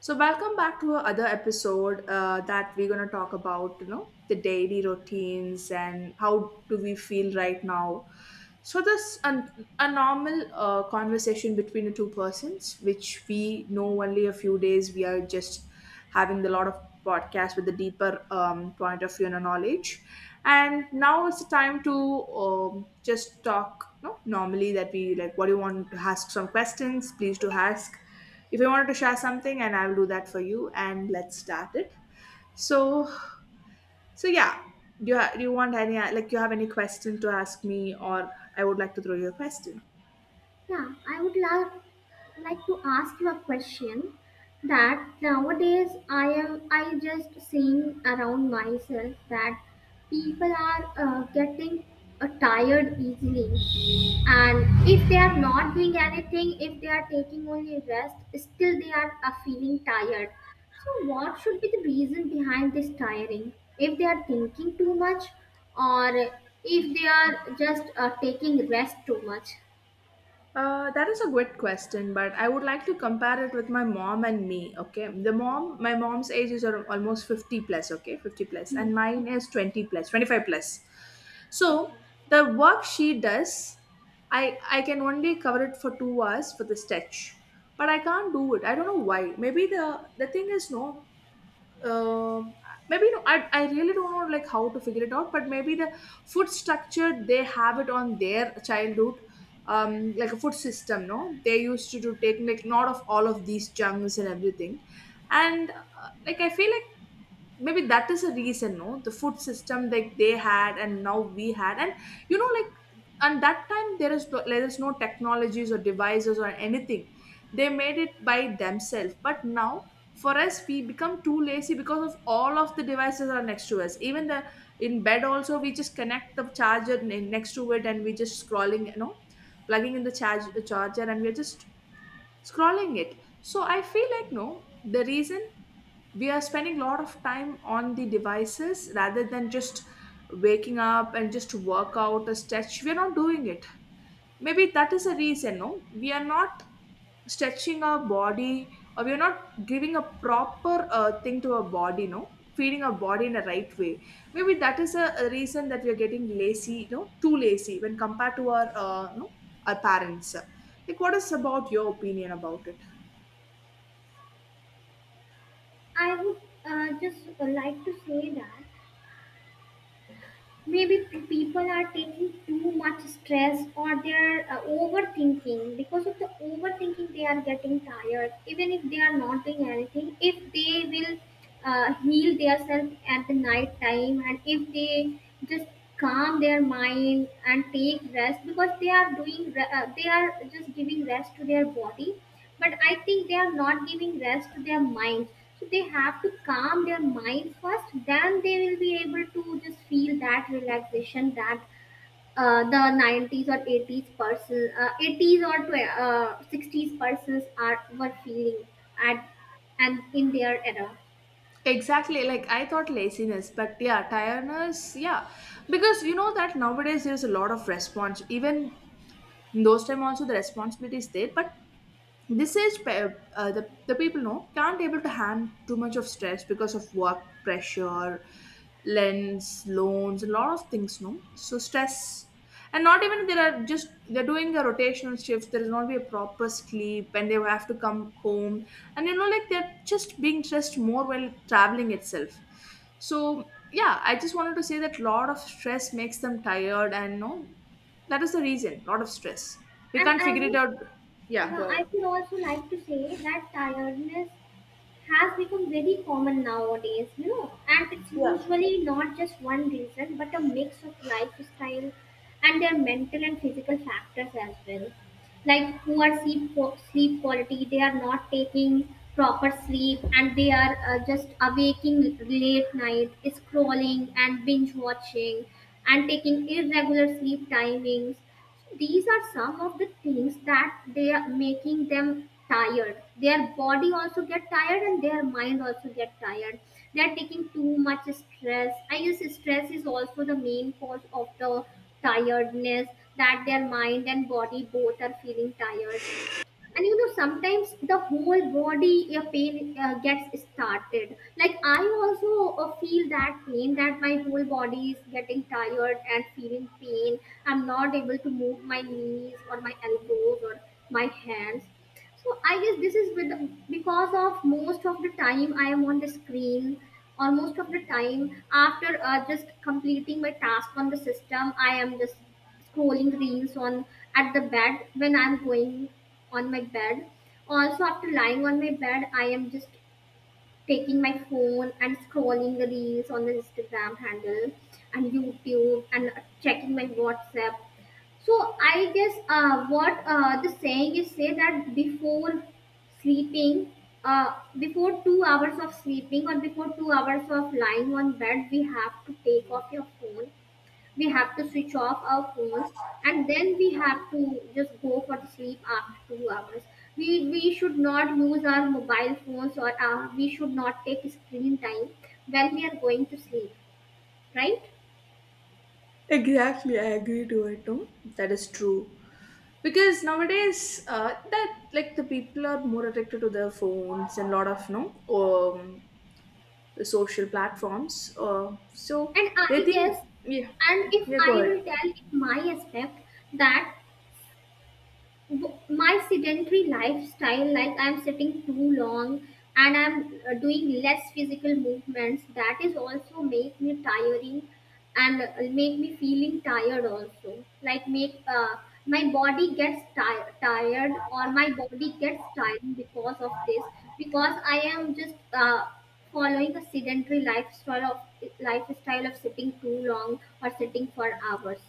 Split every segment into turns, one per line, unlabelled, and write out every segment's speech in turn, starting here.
So welcome back to another episode that we're gonna talk about, you know, the daily routines and how do we feel right now. So this an, a normal conversation between the two persons, which we know only a few days. We are just having the lot of podcasts with a deeper point of view and a knowledge. And now it's the time to just talk, you know, normally that we like. What do you want to ask? Some questions, please do ask if you wanted to share something and I'll do that for you and let's start it so so yeah do you want any, like you have any question to ask me, or I would like to throw you a question.
Yeah, I would love like to ask you a question that nowadays I just seeing around myself that people are getting tired easily, and if they are not doing anything, if they are taking only rest, still they are feeling tired. So what should be the reason behind this tiring? If they are thinking too much or if they are just taking rest too much?
That is a good question, but I would like to compare it with my mom and me. Okay, the mom, my mom's age is ar- almost 50 plus, okay, 50 plus,
Hmm.
and
Okay.
mine is 20 plus, 25 plus. So
Okay,
the work she does, I can only cover it for 2 hours for the stretch, but I can't do it. I don't know why. Maybe the thing is, no, um, maybe, no, I really don't know like how to figure it out, but maybe the food structure they have it on their childhood, um, like a food system, no, they used to do take like not of all of these junks and everything, and like I feel like maybe that is a reason, no, the food system like they had and now we had, and you know like, and that time there is no technologies or devices or anything, they made it by themselves, but now for us we become too lazy because of all of the devices are next to us, even the in bed also we just connect the charger next to it and we just scrolling, you know, plugging in the charger and we're just scrolling it. So I feel like, no, the reason, we are spending a lot of time on the devices rather than just waking up and just work out a stretch, we're not doing it. Maybe that is a reason, no, we are not stretching our body, or we're not giving a proper thing to our body, no, feeding our body in the right way. Maybe that is a reason that we are getting lazy, you know, too lazy when compared to our you know, our parents. Like what is about your opinion about it?
I would just like to say that maybe people are taking too much stress or they're overthinking. Because of the overthinking, they are getting tired. Even if they are not doing anything, if they will heal themselves at the night time, and if they just calm their mind and take rest, because they are doing they are just giving rest to their body, but I think they are not giving rest to their minds. So they have to calm their mind first, then they will be able to just feel that relaxation that the 90s or 80s person, 80s or 60s persons are were feeling at, and in their era.
Exactly, like I thought laziness, but yeah, tiredness, yeah. Because you know that nowadays there's a lot of response. Even in those time also the responsibility is there, but this age pe- the people, know can't able to handle too much of stress because of work pressure, lens, loans, a lot of things, no, so stress. And not even, there are, just they're doing a rotational shift, there is not be a proper sleep, and they have to come home, and you know like they're just being stressed more while traveling itself. So yeah, I just wanted to say that lot of stress makes them tired and, no, that is the reason, lot of stress, we
and
can't
i
figure it
would
out. Yeah,
yeah,
go ahead.
I would also like to say that tiredness has become very common nowadays, you know, and it's
Yeah,
usually not just one reason but a mix of lifestyle and their mental and physical factors as well. Like poor sleep, sleep quality, they are not taking proper sleep, and they are just awaking late night, scrolling and binge watching and taking irregular sleep timings. These are some of the things that they are making them tired. Their body also get tired, and their mind also get tired. They are taking too much stress, I guess. Stress is also the main cause of the tiredness, that their mind and body both are feeling tired. And you know, sometimes the whole body pain gets started. Like I also feel that pain, that my whole body is getting tired and feeling pain. I'm not able to move my knees or my elbows or my hands. So I guess this is with because of most of the time I am on the screen, or most of the time after just completing my task on the system, I am just scrolling reels on at the bed when I'm going on my bed. Also, after lying on my bed, I am just taking my phone and scrolling the reels on the Instagram handle and YouTube and checking my WhatsApp. So I guess what the saying is say that before sleeping, uh, before 2 hours of sleeping or before 2 hours of lying on bed, we have to take off your phone. We have to switch off our phones, and then we have to just go for the sleep after 2 hours. We should not use our mobile phones, or we should not take screen time when we are going to sleep, right?
exactly. I agree to it. No, that is true. Because nowadays, that like the people are more addicted to their phones and lot of, no, um, social platforms. So
And
they
I
think,
guess,
yeah,
and if
yeah, go
I
ahead.
will tell in my aspect that my sedentary lifestyle, like I'm sitting too long and I'm doing less physical movements, that is also make me tiring, and make me feeling tired also, like make my body gets tired, or my body gets tired because of this, because I am just uh, following a sedentary lifestyle of sitting too long or sitting for hours.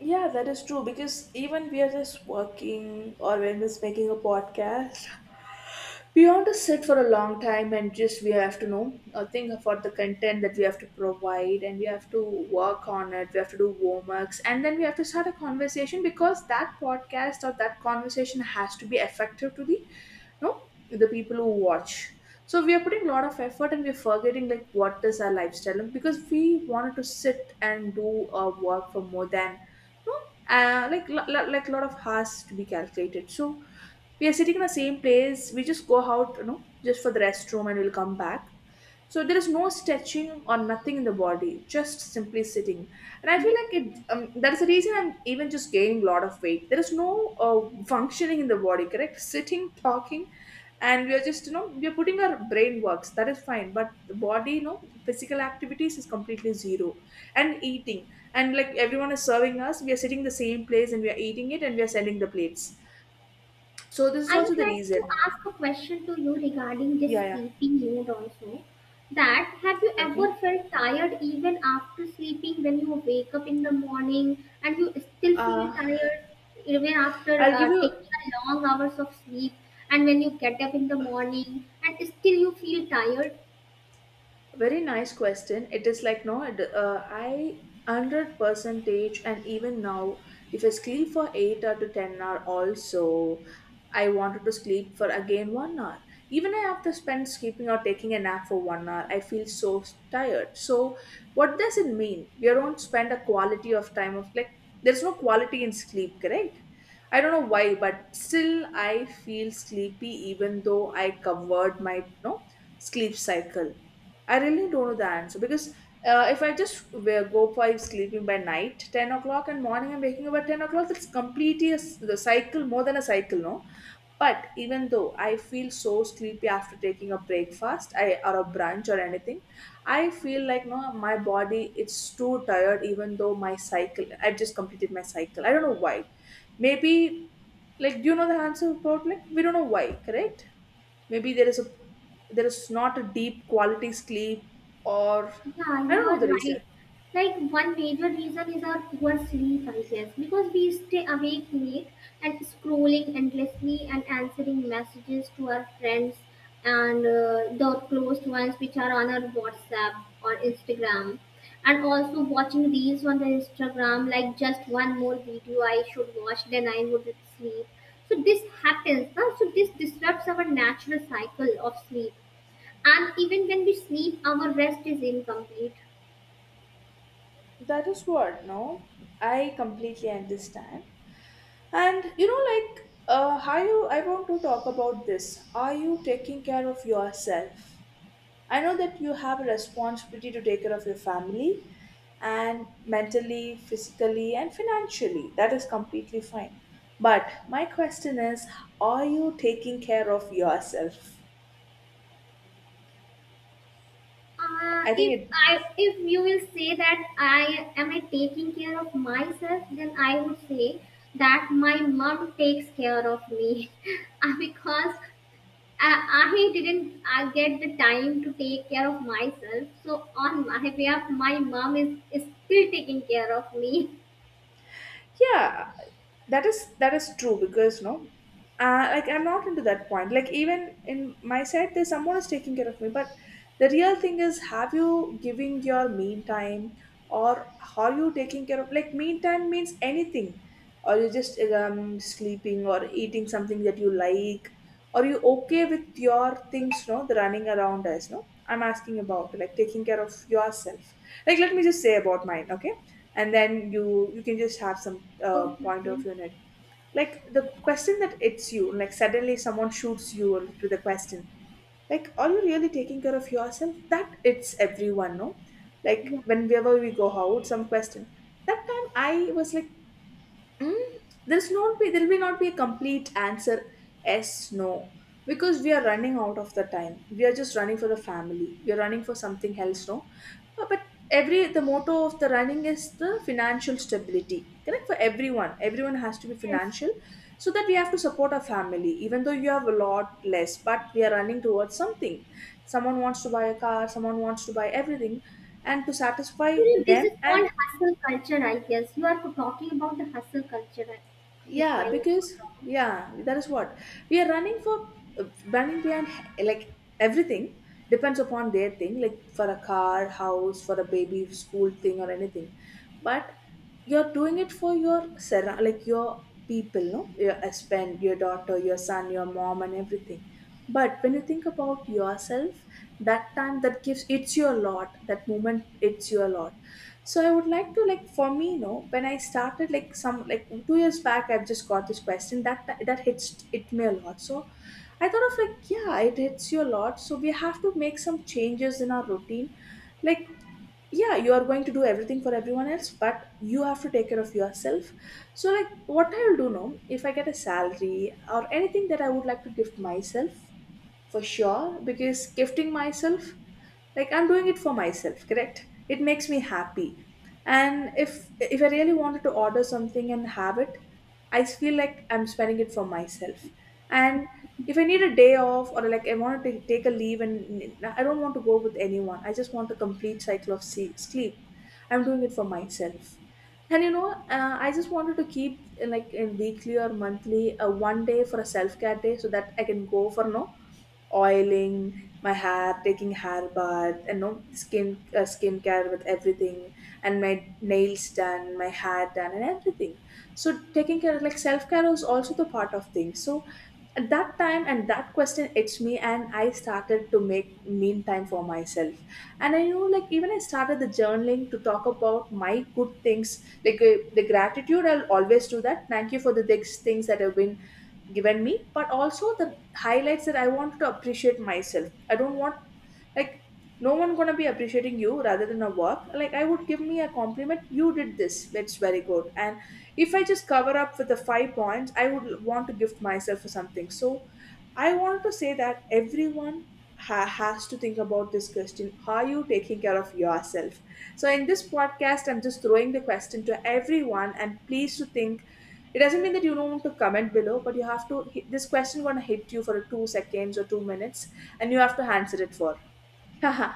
Yeah, that is true because even we are just working or we're just making a podcast, we want to sit for a long time, and just we have to know, think about the content that we have to provide, and we have to work on it, we have to do warm-ups, and then we have to start a conversation because that podcast or that conversation has to be effective to the, no, the people who watch. So we are putting a lot of effort and we're forgetting like what is our lifestyle, because we wanted to sit and do our work for more than, no, like like a lot of hours to be calculated. So we are sitting in the same place, we just go out, you know, just for the restroom and we'll come back. So there is no stretching or nothing in the body, just simply sitting. And I feel
Yes.
like it, that is the reason I'm even just gaining a lot of weight, there is no functioning in the body, correct, sitting, talking, and we are just, you know, we are putting our brain works, that is fine, but the body, you know, physical activities is completely zero. And eating, and like everyone is serving us, we are sitting in the same place and we are eating it and we are sending the plates. So this is
I
also
would
the
like to
reason.
ask a question to you regarding this
Yeah, yeah.
sleepy mood also. That have you
Okay.
ever felt tired even after sleeping, when you wake up in the morning and you still feel
Uh,
tired even after
I'll give you.
taking a long hours of sleep, and when you get up in the morning and still you feel tired?
Very nice question. It is like, no, it, I, hundred percentage, and even now, if I sleep for eight or to 10 hour, also, I wanted to sleep for again 1 hour. Even I have to spend sleeping or taking a nap for 1 hour. I feel so tired. So, what does it mean? We don't spend a quality of time of like there's no quality in sleep, correct? I don't know why, but still I feel sleepy even though I covered my, no, sleep cycle. I really don't know the answer because if I just wear, go for sleeping by night, 10 o'clock, and morning I'm waking up at 10 o'clock, that's completely a, the cycle, more than a cycle, no? But even though I feel so sleepy after taking a breakfast I, or a brunch or anything, I feel like, no, my body it's too tired. Even though my cycle, I've just completed my cycle. I don't know why. Maybe, like do you know the answer about, like we don't know why, correct? Maybe there is a, there is not a deep quality sleep, or
Yeah,
I
you
don't
are
know the
right.
reason.
Like one major reason is our poor sleep, I guess, because we stay awake late and scrolling endlessly and answering messages to our friends and the close ones which are on our WhatsApp or Instagram, and also watching reels on the Instagram like just one more video I should watch then I would sleep. So this happens, huh? So this disrupts our natural cycle of sleep, and even when we sleep our rest is incomplete.
That is what, no? I completely understand. And you know, like, how you, I want to talk about this. Are you taking care of yourself? I know that you have a responsibility to take care of your family, and mentally, physically, and financially. That is completely fine. But my question is, are you taking care of yourself? I think
If
it.
I if you will say that I am I taking care of myself, then I would say that my mom takes care of me. Because I, I didn't I get the time to take care of myself, so on my behalf my mom is still taking care of me.
Yeah, that is, that is true because, no, like I'm not into that point, like even in my side there's someone is taking care of me, but the real thing is, have you giving your me time, or are you taking care of, like me time means anything, or you just, sleeping or eating something that you like, are you okay with your things, no, the running around as, no, I'm asking about like taking care of yourself. Like let me just say about mine, okay, and then you can just have some
Oh,
point of view in it. Like the question that hits you, like suddenly someone shoots you with a question, like are you really taking care of yourself, that it's everyone, no,
yeah.
like whenever we go out some question, that time I was like, Mm, there's not be, there will not be a complete answer, yes, no? Because we are running out of the time, we are just running for the family, we are running for something else, no. But every, the motto of the running is the financial stability, correct, for everyone, everyone has to be
Yes.
financial, so that we have to support our family, even though you have a lot less, but we are running towards something, someone wants to buy a car, someone wants to buy everything, and to satisfy
You know, this
them,
is
and,
called hustle culture, I guess. You are talking about the hustle culture, if I'm
yeah,
not
because
wrong.
yeah, that is what we are running for. Uh, running behind, like everything depends upon their thing, like for a car, house, for a baby, school thing or anything. But you're doing it for your, like your people, no, your husband, your daughter, your son, your mom, and everything. But when you think about yourself, that time that gives it's your lot. That moment, it's your lot. So I would like to, like, for me, when I started, like, some, like, 2 years back, I've just got this question that hits it me a lot. So I thought of, like, yeah, it hits you a lot, so we have to make some changes in our routine, like. Yeah, you are going to do everything for everyone else, but you have to take care of yourself. So, like, what I'll do now if I get a salary or anything, that I would like to gift myself for sure. Because gifting myself, like, I'm doing it for myself, correct, it makes me happy. And if I really wanted to order something and have it, I feel like I'm spending it for myself. And if I need a day off, or like I want to take a leave and I don't want to go with anyone, I just want a complete cycle of sleep. I'm doing it for myself. And I just wanted to keep, like, in weekly or monthly a one day for a self-care day, so that I can go for, no, oiling my hair, taking hair bath, and no skincare with everything, and my nails done, my hair done, and everything. So taking care, like, self care was also the part of things. So at that time, and that question hits me, and I started to make mean time for myself. And I know, like, even I started the journaling to talk about my good things, like, the gratitude, I'll always do that, thank you for the things that have been given me, but also the highlights that I want to appreciate myself. I don't want, like, no one gonna be appreciating you rather than a work. Like, I would give me a compliment. You did this. That's very good. And if I just cover up with the five points, I would want to gift myself for something. So I want to say that everyone has to think about this question. How are you taking care of yourself? So in this podcast, I'm just throwing the question to everyone, and please to think. It doesn't mean that you don't want to comment below, but you have to. This question gonna hit you for 2 seconds or 2 minutes, and you have to answer it for. Haha,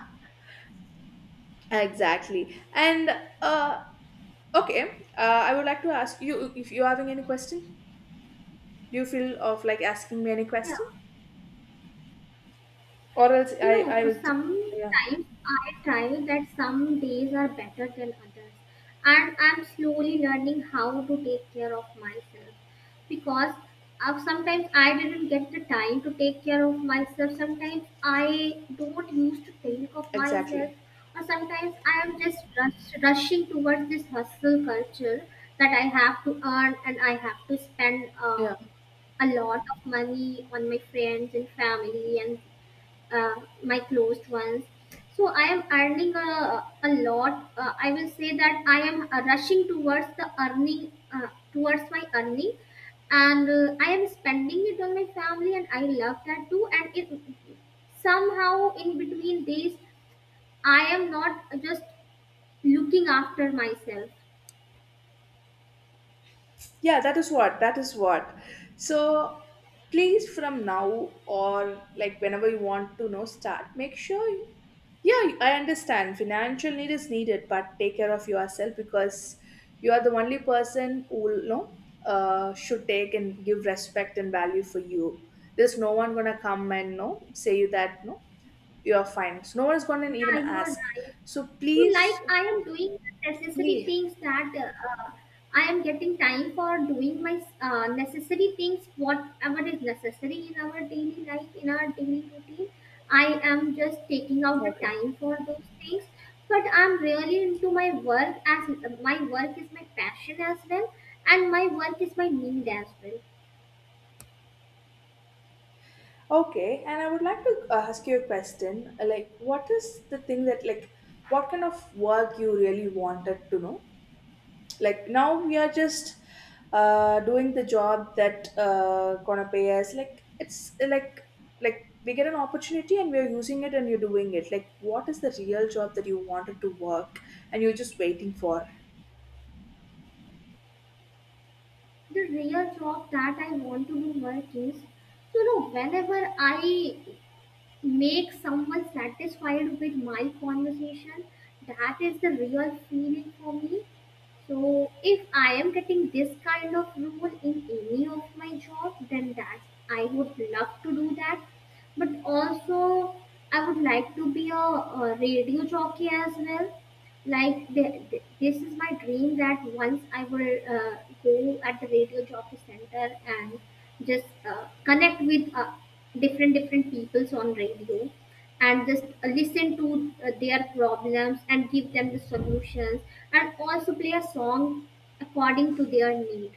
exactly. And uh, okay, I would like to ask you if you're having any question. Do you feel of like asking me any
Yeah.
question, or else
You
I
know,
will.
sometimes
Yeah.
I try that some days are better than others, and I'm slowly learning how to take care of myself because sometimes I didn't get the time to take care of myself. Sometimes I don't used to think of myself,
Exactly.
or sometimes I am just rushing towards this hustle culture, that I have to earn and I have to spend
Yeah.
a lot of money on my friends and family and uh, my closed ones. So I am earning a lot, I will say that I am rushing towards the earning, towards my earning, and I am spending it on my family and I love that too, and it somehow in between days, I am not just looking after myself.
Yeah, that is what. That is what. So please from now, or like whenever you want to know start, make sure you, yeah, I understand financial need is needed, but take care of yourself, because you are the only person who will know should take and give respect and value for you. There's no one gonna come and no say you that, no, you're fine. So no one's gonna even
Yeah, you are
ask.
right.
So
So, like,
please,
I am doing the necessary
please,
things that I am getting time for doing my necessary things, whatever is necessary in our daily life, in our daily routine. I am just taking out the
okay.
time for those things. But I'm really into my work, as my work is my passion as well, and my work is my need as well.
Okay, and I would like to ask you a question. Like, what is the thing that, like, what kind of work you really wanted to know? Like, now we are just doing the job that gonna pay us. Like, it's, like we get an opportunity and we are using it and you're doing it. Like, what is the real job that you wanted to work, and you're just waiting for?
The real job that I want to do work is, you know, whenever I make someone satisfied with my conversation, that is the real feeling for me. So if I am getting this kind of role in any of my job, then that I would love to do that. But also I would like to be a radio jockey as well. Like the this is my dream that once I will go at the radio jockey center and just connect with different different peoples on radio and just listen to their problems and give them the solutions, and also play a song according to their need,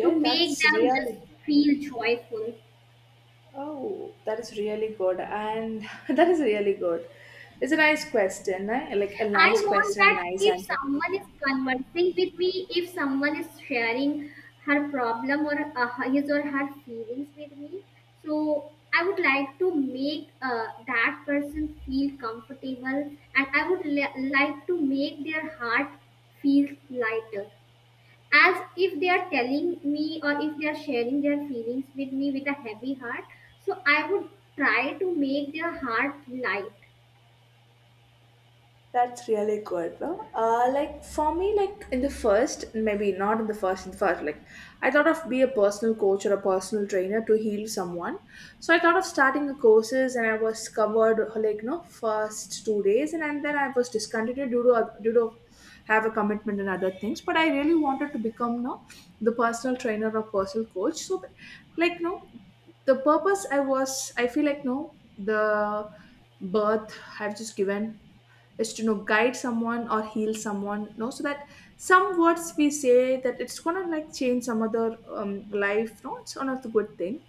to make
that's
them just
really.
feel joyful.
Oh, that is really good. And that is really good. It's a nice question, right? Like, a
I
nice
want
question, a
that
nice
if
answer.
someone is conversing with me, if someone is sharing her problem or his or her feelings with me, so I would like to make that person feel comfortable, and I would like to make their heart feel lighter. As if they are telling me, or if they are sharing their feelings with me with a heavy heart, so I would try to make their heart light.
That's really good, no? Like, for me, like in the first, maybe not in the first, in the first, like, I thought of be a personal coach or a personal trainer to heal someone. So I thought of starting the courses, and I was covered, like, no, first 2 days, and then I was discontinued due to have a commitment and other things. But I really wanted to become, no, the personal trainer or personal coach. So, like, no, the purpose I was, I feel like, no, the birth I've just given is to guide someone or heal someone, so that some words we say that it's gonna like change some other life, no, it's one of the good thing.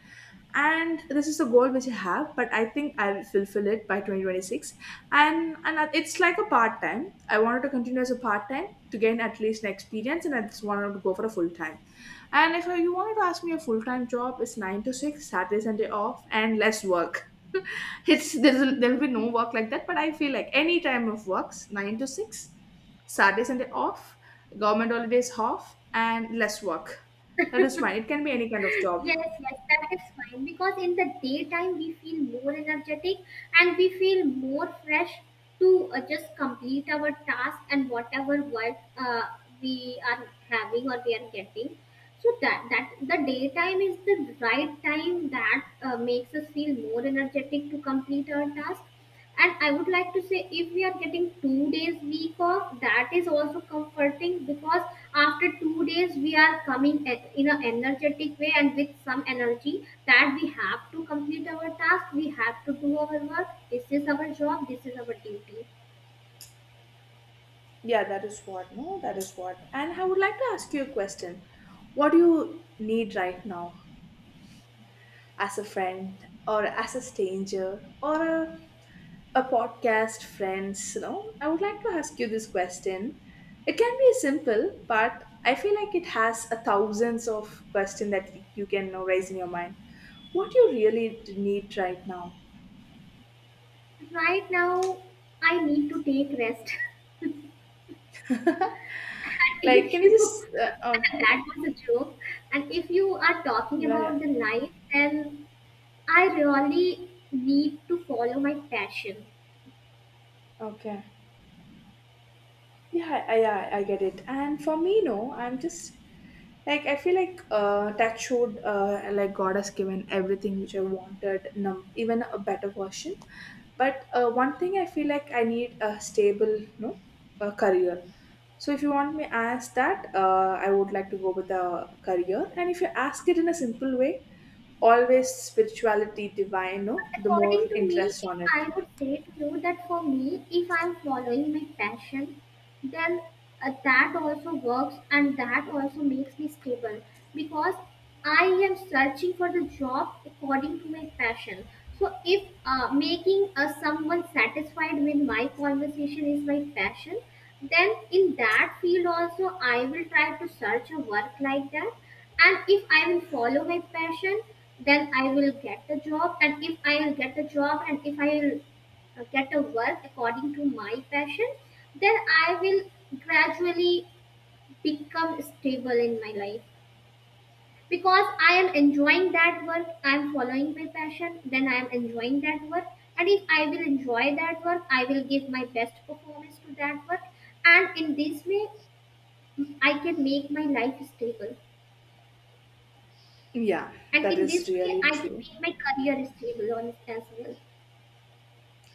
And this is the goal which I have, but I think I'll fulfill it by 2026. And it's like a part-time, I wanted to continue as a part-time to gain at least an experience, and I just wanted to go for a full-time. And if you wanted to ask me a full-time job, it's 9 to 6, Saturday Sunday off, and less work. It's, there'll be no work like that, but I feel like any time of works 9 to 6, Saturday Sunday off, government holidays off, and less work. That
Yes,
is fine, it can be any kind of job.
yes, that is fine because in the daytime we feel more energetic and we feel more fresh to just complete our task and whatever work we are having or we are getting. So that that the daytime is the right time that makes us feel more energetic to complete our task, and I would like to say if we are getting 2 days week off, that is also comforting because after 2 days we are coming at, in an energetic way and with some energy that we have to complete our task, we have to do our work. This is our job, this is our duty.
Yeah, that is what, no, that is what. And I would like to ask you a question. What do you need right now? As a friend, or as a stranger, or a podcast friends, I would like to ask you this question. It can be simple, but I feel like it has a thousands of question that you can, raise in your mind, what you really need right now.
Right now, I need to take rest. and
Like,
if
can you
you
just uh, uh,
And that was a joke. And if you are talking
yeah,
about
yeah,
the life, then I really need to follow my passion.
okay. Yeah, I get it. And for me, no, I'm just, like, I feel like that showed, like, God has given everything which I wanted, even a better version. But one thing I feel like, I need a stable, no, a career. So if you want me ask that, I would like to go with a career. And if you ask it in a simple way, always spirituality, divine, no, the more
According to me,
interest
if
on
I
it.
would say to you that for me, if I'm following my passion, then that also works and that also makes me stable, because I am searching for the job according to my passion. So if making someone satisfied with my conversation is my passion, then in that field also I will try to search a work like that. And if I will follow my passion, then I will get the job. And if I will get the job, and if I will get a work according to my passion, then I will gradually become stable in my life, because I am enjoying that work. I am following my passion, then I am enjoying that work. And if I will enjoy that work, I will give my best performance to that work. And in this way, I can make my life stable.
Yeah,
And
that
in
is
this way,
really
I can
true.
make my career stable on it as well.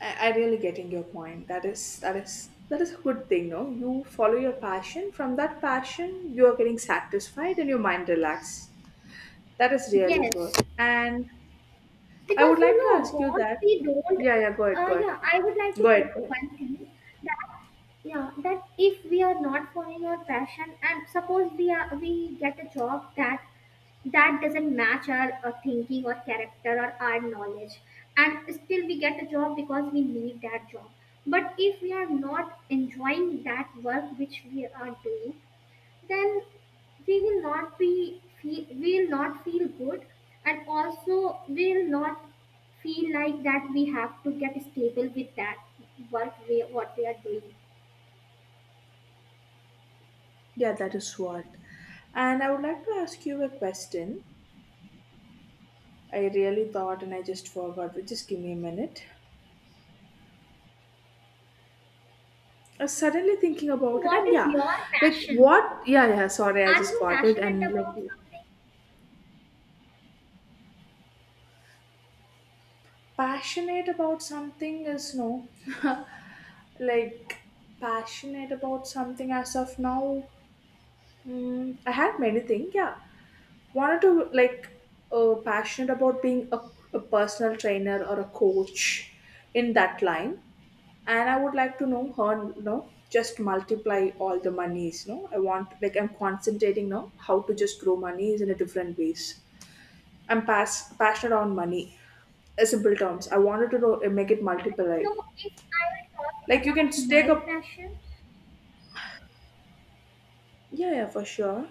I really getting your point. That is a good thing, no? You follow your passion. From that passion, you are getting satisfied and your mind relaxed. That is really
Yes,
good. And I
because
would
you
like to
know
ask you
what
that.
we don't.
Yeah, yeah. Go ahead. Go ahead.
Yeah, I would like to
Go
tell
ahead. Go
you
ahead.
one thing that yeah, that if we are not following our passion, and suppose we are we get a job that that doesn't match our thinking or character or our knowledge, and still we get a job because we need that job, but if we are not enjoying that work which we are doing, then we will not feel good, and also we will not feel like that we have to get stable with that what we are doing.
Yeah, that is what. And I would like to ask you a question. I really thought and I just forgot, but just give me a minute. I was suddenly thinking
So
about it,
what
and
is
yeah,
your
like
passion?
what? Yeah, yeah, sorry, I
Are
just
you
got it.
passionate
And, like,
about something?
passionate about something is no. Like, passionate about something as of now. I had many things, yeah, wanted to like, passionate about being a personal trainer or a coach in that line. And I would like to know her. Just multiply all the monies, no, I want, like, I'm concentrating now how to just grow monies in a different ways. I'm passionate on money, in simple terms, I wanted to know, make it multiply.
I know if I will talk
Like, you can
about my
take a,
passion.
yeah, yeah, for sure.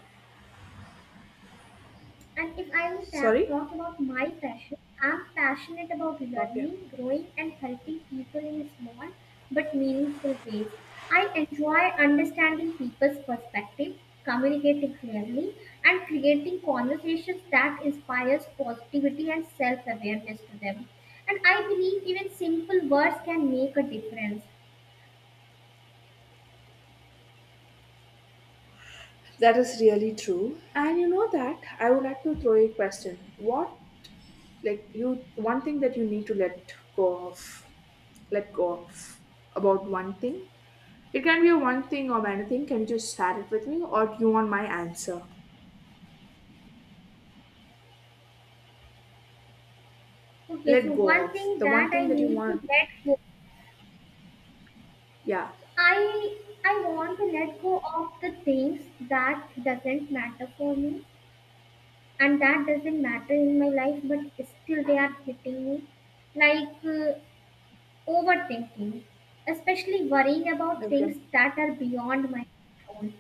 And if I will
Sorry?
talk about my passion, I'm passionate about
Okay.
learning, growing, and helping people in small but meaningful ways. I enjoy understanding people's perspective, communicating clearly, and creating conversations that inspires positivity and self-awareness to them. And I believe even simple words can make a difference.
That is really true. And you know that I would like to throw you a question. What, like, you one thing that you need to let go of about one thing? It can be a one thing or anything. Can you just share it with me, or do you want my answer?
Okay, so
Let go
one
of
thing
the one
that I
thing that you
need to
want.
let go.
Yeah.
I I want to let go of the things that doesn't matter for me and that doesn't matter in my life, but still they are hitting me, like overthinking, especially worrying about
Okay.
things that are beyond my control.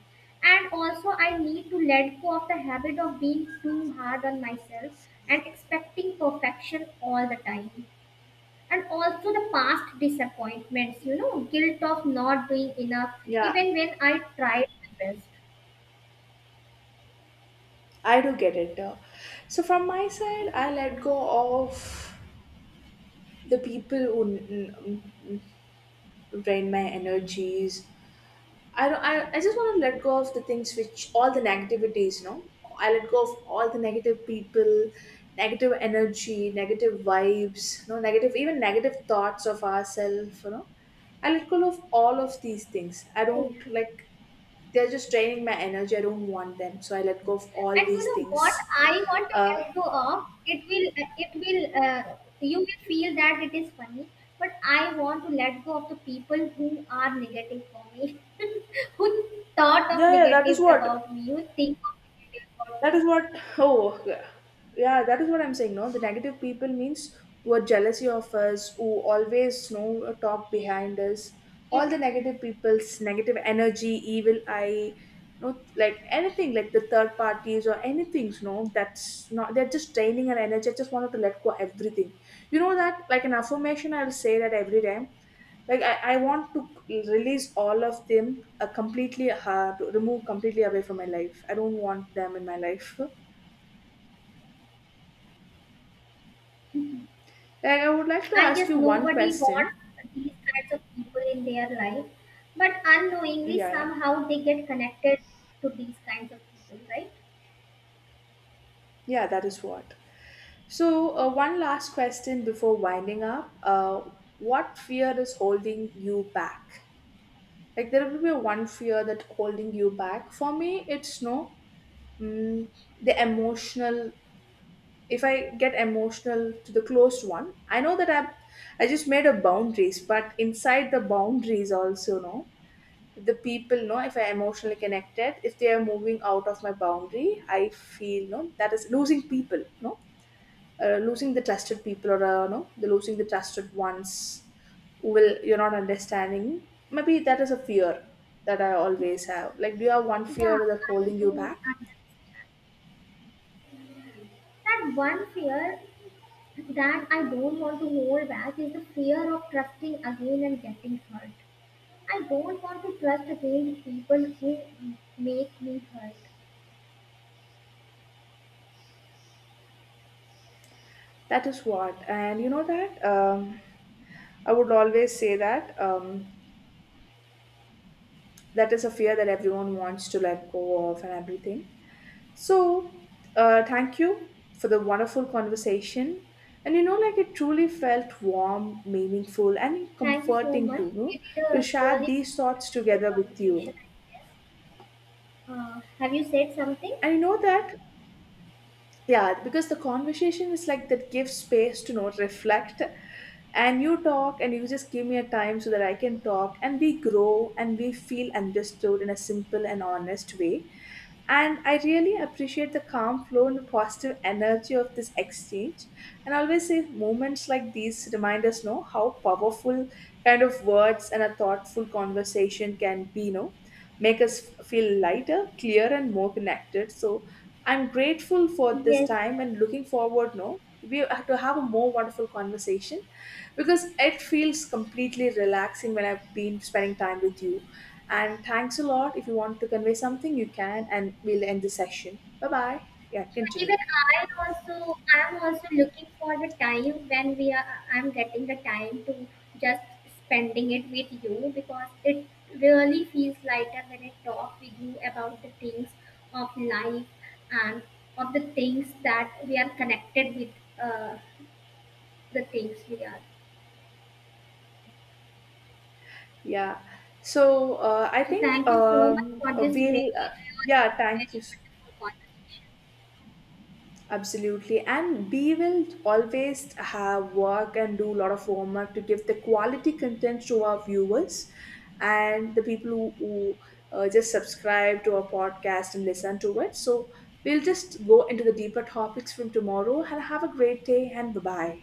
And also, I need to let go of the habit of being too hard on myself and expecting perfection all the time, and also the past disappointments, you know, guilt of not doing enough
Yeah,
even when I tried my best.
I do get it. So from my side, I let go of the people who n- drain my energies. I don't. I just want to let go of the things which all the negativities. I let go of all the negative people, negative energy, negative vibes. Negative, even negative thoughts of ourselves. I let go of all of these things. I don't
And
like. They're just draining my energy. I don't want them, so I let go of all
you
these
know what
things.
I want to
Uh,
let go of, it will you will feel that it is funny, but I want to let go of the people who are negative for me. Who thought of
yeah, yeah, that is
negative
what.
about me who think of negative about
That
me.
is what, oh, yeah, yeah, that is what I'm saying. No, the negative people means who are jealousy of us, who always know, talk behind us. All the negative people's negative energy, evil eye, no, like anything, like the third parties or anything, no, that's not, they're just draining our energy. I just wanted to let go everything. You know that, like an affirmation, I'll say that every time, like, I want to release all of them completely, to remove completely away from my life. I don't want them in my life.
Yes.
Like, I would like to
I
ask
guess
you one
nobody
question.
wants these kinds of people in their life, but unknowingly
Yeah, yeah,
somehow they get connected to these kinds of people, right?
yeah, that is what. So one last question before winding up. What fear is holding you back? Like, there will be one fear that holding you back. For me, it's, no, mm, the emotional. If I get emotional to the closed one, I know that I just made a boundaries, but inside the boundaries also, no, the people know, if I emotionally connected, if they are moving out of my boundary, I feel no that is losing people, no, losing the trusted people, or no, the losing the trusted ones, who will you're not understanding. Maybe that is a fear that I always have. Like, do you have one
Yeah,
fear that's
I
holding
do
you back?
understand. That one fear that I don't want to hold back is the fear of trusting again and getting hurt. I don't want to trust again people who make me hurt.
That is what, and you know that, I would always say that, that is a fear that everyone wants to let go of, and everything. So, thank you for the wonderful conversation. And like, it truly felt warm, meaningful, and
Thank you so
comforting
much.
too, no?
We did
To
a
share
really
these thoughts
wonderful
together with
conversation,
you.
I guess. Have you said something?
And you know that, yeah, because the conversation is like that gives space to know reflect, and you talk, and you just give me a time so that I can talk, and we grow, and we feel understood in a simple and honest way. And I really appreciate the calm flow and positive energy of this exchange. And I always say moments like these remind us, know how powerful kind of words and a thoughtful conversation can be, make us feel lighter, clear, and more connected. So I'm grateful for this
Yes.
time
Yes.
and looking forward, no, to have a more wonderful conversation, because it feels completely relaxing when I've been spending time with you. And thanks a lot. If you want to convey something, you can, and we'll end the session. Bye bye. Yeah,
So
continue.
even I'm also looking for the time when we are I'm getting the time to just spending it with you, because it really feels lighter when I talk with you about the things of life and of the things that we are connected with, uh, the things we are.
Yeah. So I
So
think,
thank you so much for this very,
we'll. Uh,
very,
yeah. Thank
very
you. so
wonderful conversation.
Absolutely. And we will always have work and do a lot of homework to give the quality content to our viewers and the people who just subscribe to our podcast and listen to it. So we'll just go into the deeper topics from tomorrow and have a great day and bye bye.